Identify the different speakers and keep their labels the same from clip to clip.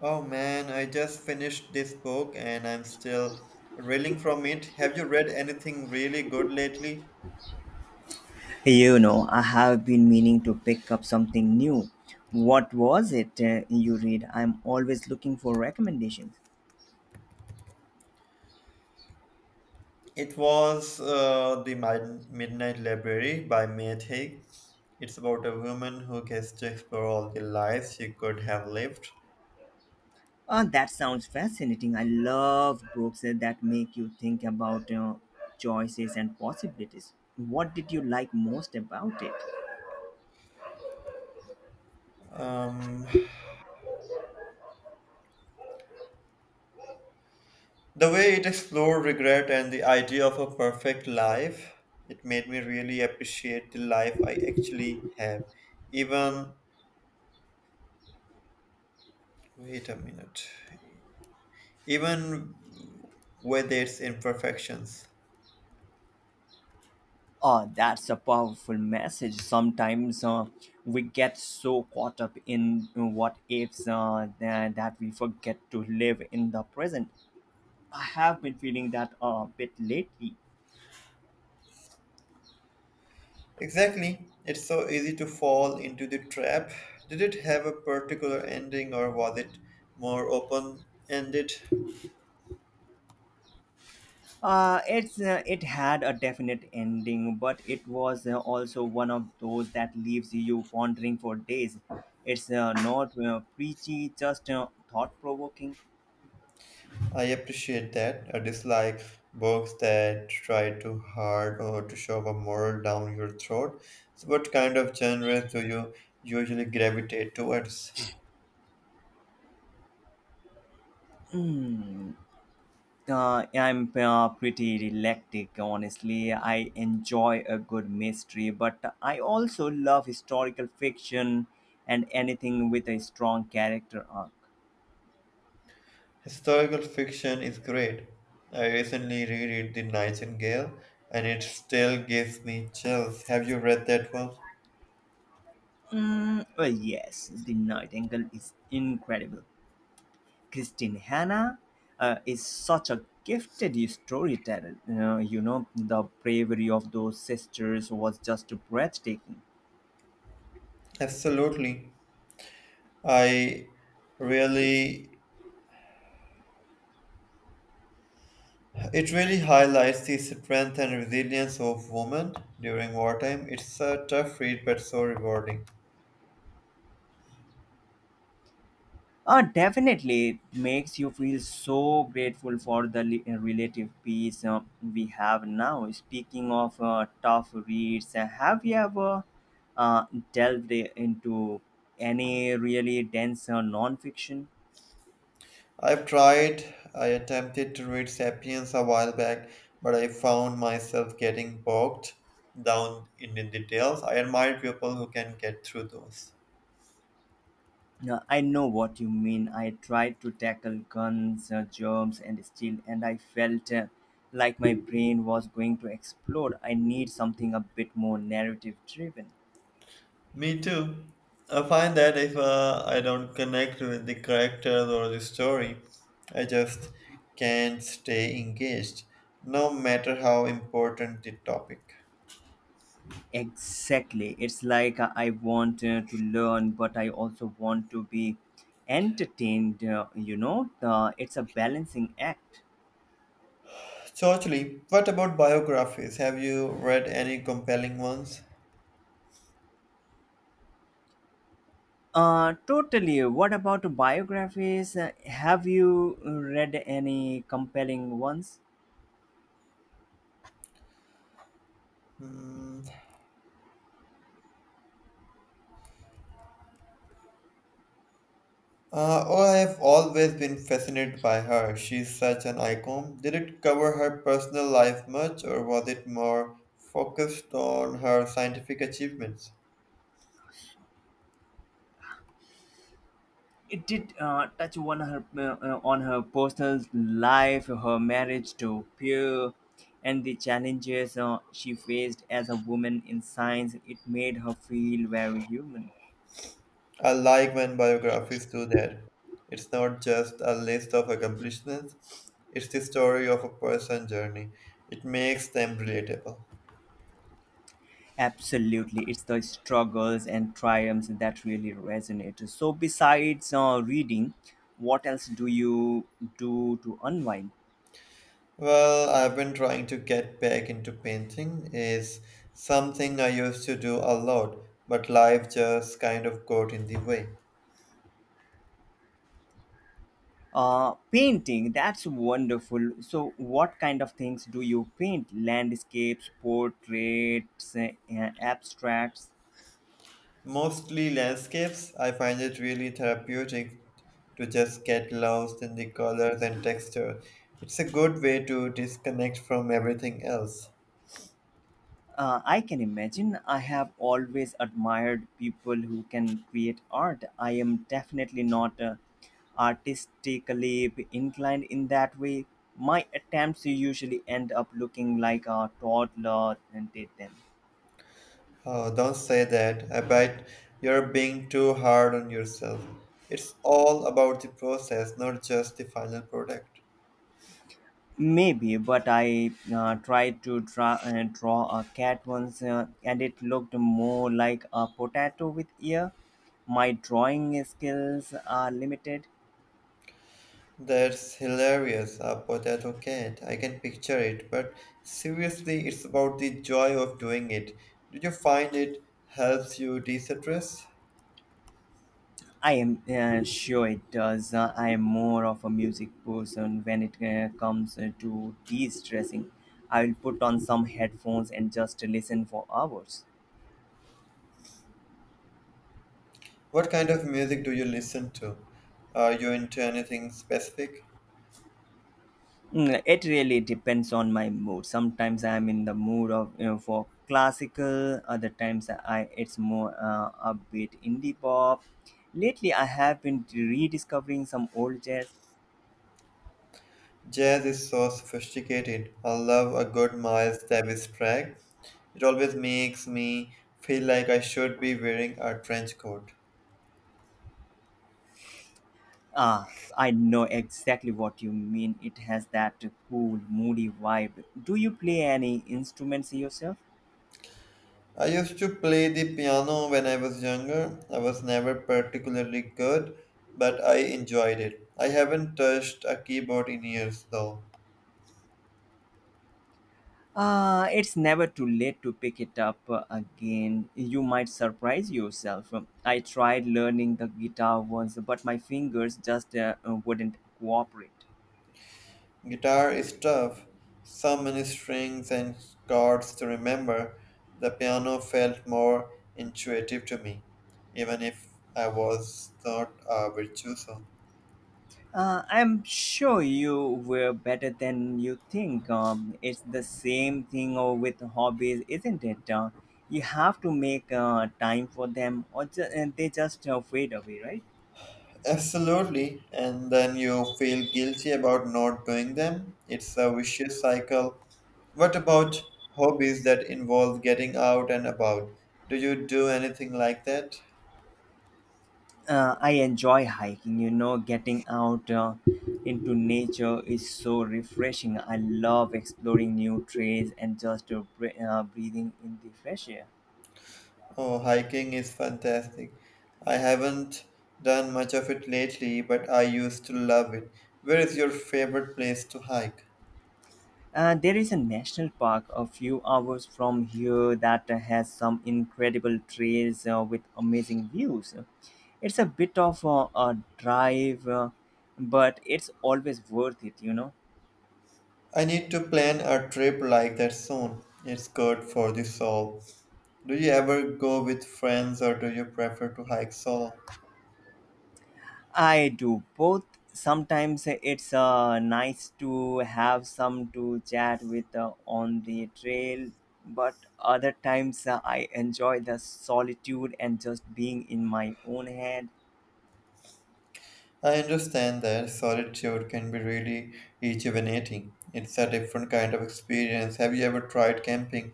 Speaker 1: Oh man, I just finished this book and I'm still reeling from it. Have you read anything really good lately?
Speaker 2: You know, I have been meaning to pick up something new. What was it you read? I'm always looking for recommendations.
Speaker 1: It was Midnight Library by Matt Haig. It's about a woman who gets to explore all the lives she could have lived.
Speaker 2: Oh, that sounds fascinating. I love books that make you think about choices and possibilities. What did you like most about it?
Speaker 1: Um, the way it explored regret and the idea of a perfect life, it made me really appreciate the life I actually have. Even, wait a minute. Even with its imperfections.
Speaker 2: Oh, that's a powerful message. Sometimes we get so caught up in what ifs that we forget to live in the present. I have been feeling that a bit lately.
Speaker 1: Exactly. It's so easy to fall into the trap. Did it have a particular ending or was it more open ended?
Speaker 2: It had a definite ending, but it was also one of those that leaves you pondering for days. It's not preachy, just thought provoking.
Speaker 1: I appreciate that. I dislike books that try too hard or to shove a moral down your throat. So, what kind of genres do you usually gravitate towards?
Speaker 2: Hmm. I'm pretty eclectic, honestly. I enjoy a good mystery, but I also love historical fiction and anything with a strong character arc.
Speaker 1: Historical fiction is great. I recently reread The Nightingale and it still gives me chills. Have you read that one?
Speaker 2: Mm, well, yes, The Nightingale is incredible. Christine Hanna is such a gifted storyteller. You know, the bravery of those sisters was just breathtaking.
Speaker 1: Absolutely. I really It really highlights the strength and resilience of women during wartime. It's a tough read but so rewarding.
Speaker 2: Definitely, it makes you feel so grateful for the relative peace we have now. Speaking of tough reads, have you ever uh, delved into any really dense non-fiction?
Speaker 1: I attempted to read Sapiens a while back, but I found myself getting bogged down in the details. I admire people who can get through those.
Speaker 2: No, I know what you mean. I tried to tackle guns, germs, and steel, and I felt like my brain was going to explode. I need something a bit more narrative driven.
Speaker 1: Me too. I find that if I don't connect with the characters or the story, I just can't stay engaged, no matter how important the topic.
Speaker 2: Exactly. It's like I want to learn, but I also want to be entertained, you know? It's a balancing act.
Speaker 1: So, actually, what about biographies? Have you read any compelling ones?
Speaker 2: Totally. What about biographies? Have you read any compelling ones?
Speaker 1: Hmm. Oh, I have always been fascinated by her. She's such an icon. Did it cover her personal life much, or was it more focused on her scientific achievements?
Speaker 2: It did touch on her personal life, her marriage to Pierre, and the challenges she faced as a woman in science. It made her feel very human.
Speaker 1: I like when biographies do that. It's not just a list of accomplishments, it's the story of a person's journey. It makes them relatable.
Speaker 2: Absolutely, it's the struggles and triumphs that really resonate. So, besides reading, what else do you do to unwind?
Speaker 1: Well, I've been trying to get back into painting. Is something I used to do a lot, but life just kind of got in the way.
Speaker 2: Painting, that's wonderful. So, what kind of things do you paint? Landscapes, portraits, abstracts?
Speaker 1: Mostly landscapes, I find it really therapeutic to just get lost in the colors and texture. It's a good way to disconnect from everything else.
Speaker 2: I can imagine. I have always admired people who can create art. I am definitely not artistically inclined in that way. My attempts usually end up looking like a toddler and did them.
Speaker 1: Oh, don't say that. I bet you're being too hard on yourself. It's all about the process, not just the final product.
Speaker 2: Maybe, but I draw a cat once and it looked more like a potato with ear. My drawing skills are limited.
Speaker 1: That's hilarious, a potato cat. I can picture it, but seriously, it's about the joy of doing it. Do you find it helps you de stress?
Speaker 2: I am sure it does. I am more of a music person when it comes to de stressing. I will put on some headphones and just listen for hours.
Speaker 1: What kind of music do you listen to? Are you into anything specific?
Speaker 2: Mm, it really depends on my mood. Sometimes I'm in the mood for classical. Other times I it's more upbeat indie pop. Lately, I have been rediscovering some old jazz.
Speaker 1: Jazz is so sophisticated. I love a good Miles Davis track. It always makes me feel like I should be wearing a trench coat.
Speaker 2: Ah, I know exactly what you mean. It has that cool, moody vibe. Do you play any instruments yourself?
Speaker 1: I used to play the piano when I was younger. I was never particularly good, but I enjoyed it. I haven't touched a keyboard in years though.
Speaker 2: It's never too late to pick it up again. You might surprise yourself. I tried learning the guitar once, but my fingers just wouldn't cooperate.
Speaker 1: Guitar is tough, so many strings and chords to remember. The piano felt more intuitive to me, even if I was not a virtuoso.
Speaker 2: I'm sure you were better than you think. It's the same thing with hobbies, isn't it? You have to make time for them, and they just fade away, right?
Speaker 1: Absolutely, and then you feel guilty about not doing them. It's a vicious cycle. What about hobbies that involve getting out and about? Do you do anything like that?
Speaker 2: I enjoy hiking. You know, getting out into nature is so refreshing. I love exploring new trails and just breathing in the fresh air.
Speaker 1: Oh, hiking is fantastic. I haven't done much of it lately, but I used to love it. Where is your favorite place to hike?
Speaker 2: There is a national park a few hours from here that has some incredible trails with amazing views. It's a bit of a drive, but it's always worth it, you know.
Speaker 1: I need to plan a trip like that soon. It's good for the soul. Do you ever go with friends or do you prefer to hike solo?
Speaker 2: I do both. Sometimes it's nice to have some to chat with on the trail, but other times I enjoy the solitude and just being in my own head.
Speaker 1: I understand that solitude can be really rejuvenating. It's a different kind of experience. Have you ever tried camping?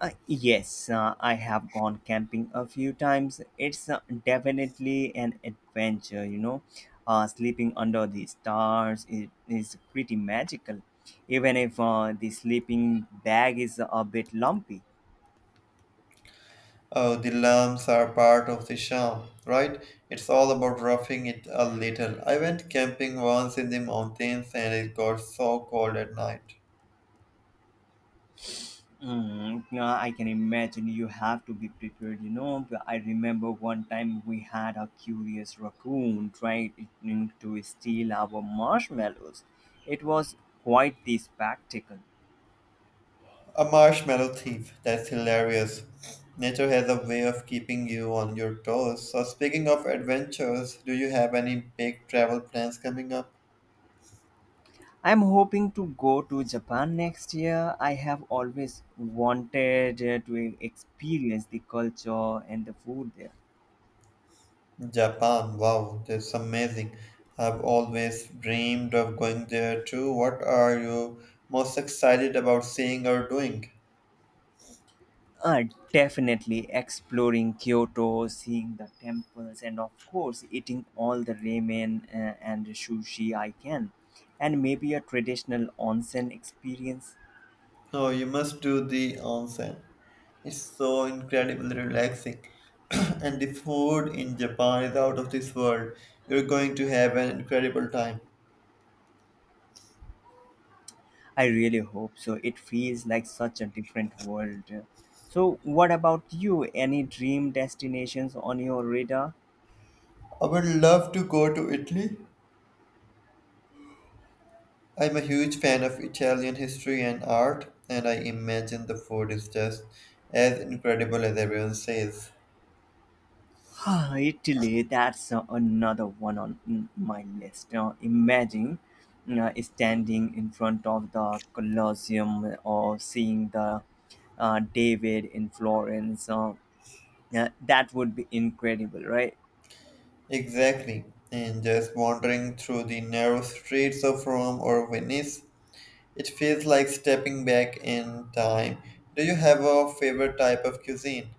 Speaker 2: Yes, I have gone camping a few times. It's definitely an adventure, you know. Sleeping under the stars is pretty magical, even if the sleeping bag is a bit lumpy.
Speaker 1: Oh, the lumps are part of the charm, right? It's all about roughing it a little. I went camping once in the mountains and it got so cold at night.
Speaker 2: Mm, now I can imagine you have to be prepared, you know. But I remember one time we had a curious raccoon trying to steal our marshmallows. It was quite the spectacle.
Speaker 1: A marshmallow thief, that's hilarious. Nature has a way of keeping you on your toes. So, speaking of adventures, do you have any big travel plans coming up?
Speaker 2: I'm hoping to go to Japan next year. I have always wanted to experience the culture and the food there.
Speaker 1: Japan, wow, that's amazing. I've always dreamed of going there too. What are you most excited about seeing or doing?
Speaker 2: Uh, Definitely exploring Kyoto, seeing the temples, and of course, eating all the ramen and sushi I can. And maybe a traditional onsen experience.
Speaker 1: Oh, you must do the onsen. It's so incredibly relaxing. And the food in Japan is out of this world. You're going to have an incredible time.
Speaker 2: I really hope so. It feels like such a different world. So, what about you? Any dream destinations on your radar?
Speaker 1: I would love to go to Italy. I'm a huge fan of Italian history and art, and I imagine the food is just as incredible as everyone says.
Speaker 2: Ah, Italy, that's another one on my list. Imagine standing in front of the Colosseum or seeing the David in Florence. That would be incredible, right?
Speaker 1: Exactly. And just wandering through the narrow streets of Rome or Venice, it feels like stepping back in time. Do you have a favorite type of cuisine?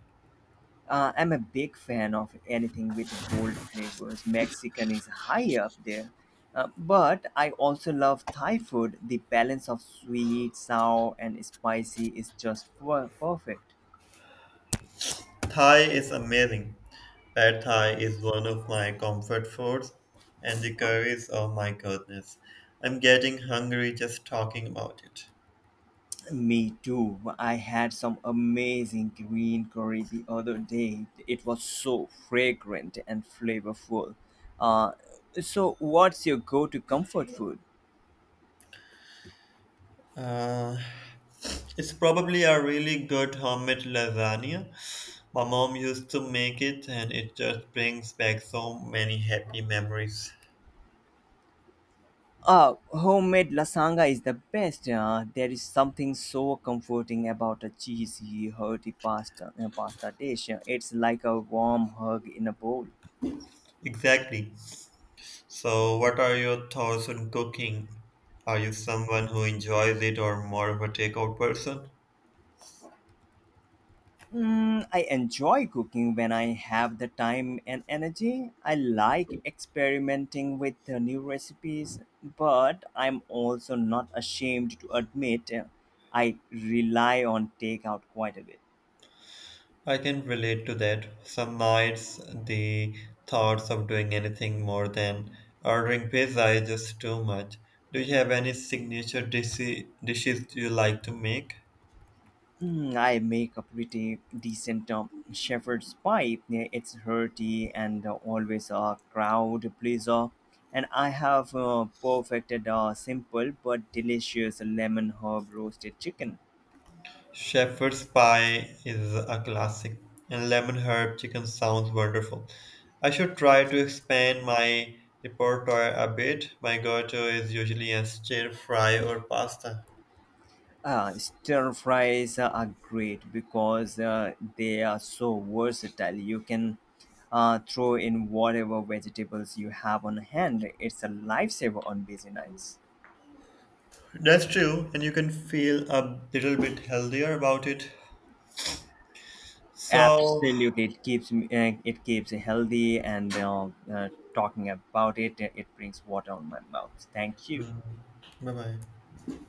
Speaker 2: I'm a big fan of anything with bold flavors. Mexican is high up there. But I also love Thai food. The balance of sweet, sour, and spicy is just perfect.
Speaker 1: Thai is amazing. Pad Thai is one of my comfort foods, and the curries, oh my goodness. I'm getting hungry just talking about it.
Speaker 2: Me too. I had some amazing green curry the other day. It was so fragrant and flavorful. Uh, so, what's your go to comfort food?
Speaker 1: Uh, it's probably a really good homemade lasagna. My mom used to make it, and it just brings back so many happy memories.
Speaker 2: Homemade lasagna is the best. There is something so comforting about a cheesy, hearty pasta dish. It's like a warm hug in a bowl.
Speaker 1: Exactly. So, what are your thoughts on cooking? Are you someone who enjoys it or more of a takeout person?
Speaker 2: Mm, I enjoy cooking when I have the time and energy. I like experimenting with the new recipes, but I'm also not ashamed to admit I rely on takeout quite a bit.
Speaker 1: I can relate to that. Some nights, the thoughts of doing anything more than ordering pizza is just too much. Do you have any dishes you like to make?
Speaker 2: Mm, I make a pretty decent shepherd's pie. Yeah, it's hearty and always a crowd pleaser. And I have perfected a simple but delicious lemon herb roasted chicken.
Speaker 1: Shepherd's pie is a classic, and lemon herb chicken sounds wonderful. I should try to expand my repertoire a bit. My go-to is usually a stir fry or pasta.
Speaker 2: Stir fries are great because they are so versatile. You can throw in whatever vegetables you have on hand. It's a lifesaver on busy nights.
Speaker 1: That's true, and you can feel a little bit healthier about it. So,
Speaker 2: Absolutely, it keeps me healthy, and talking about it, it brings water on my mouth. Thank you.
Speaker 1: bye bye.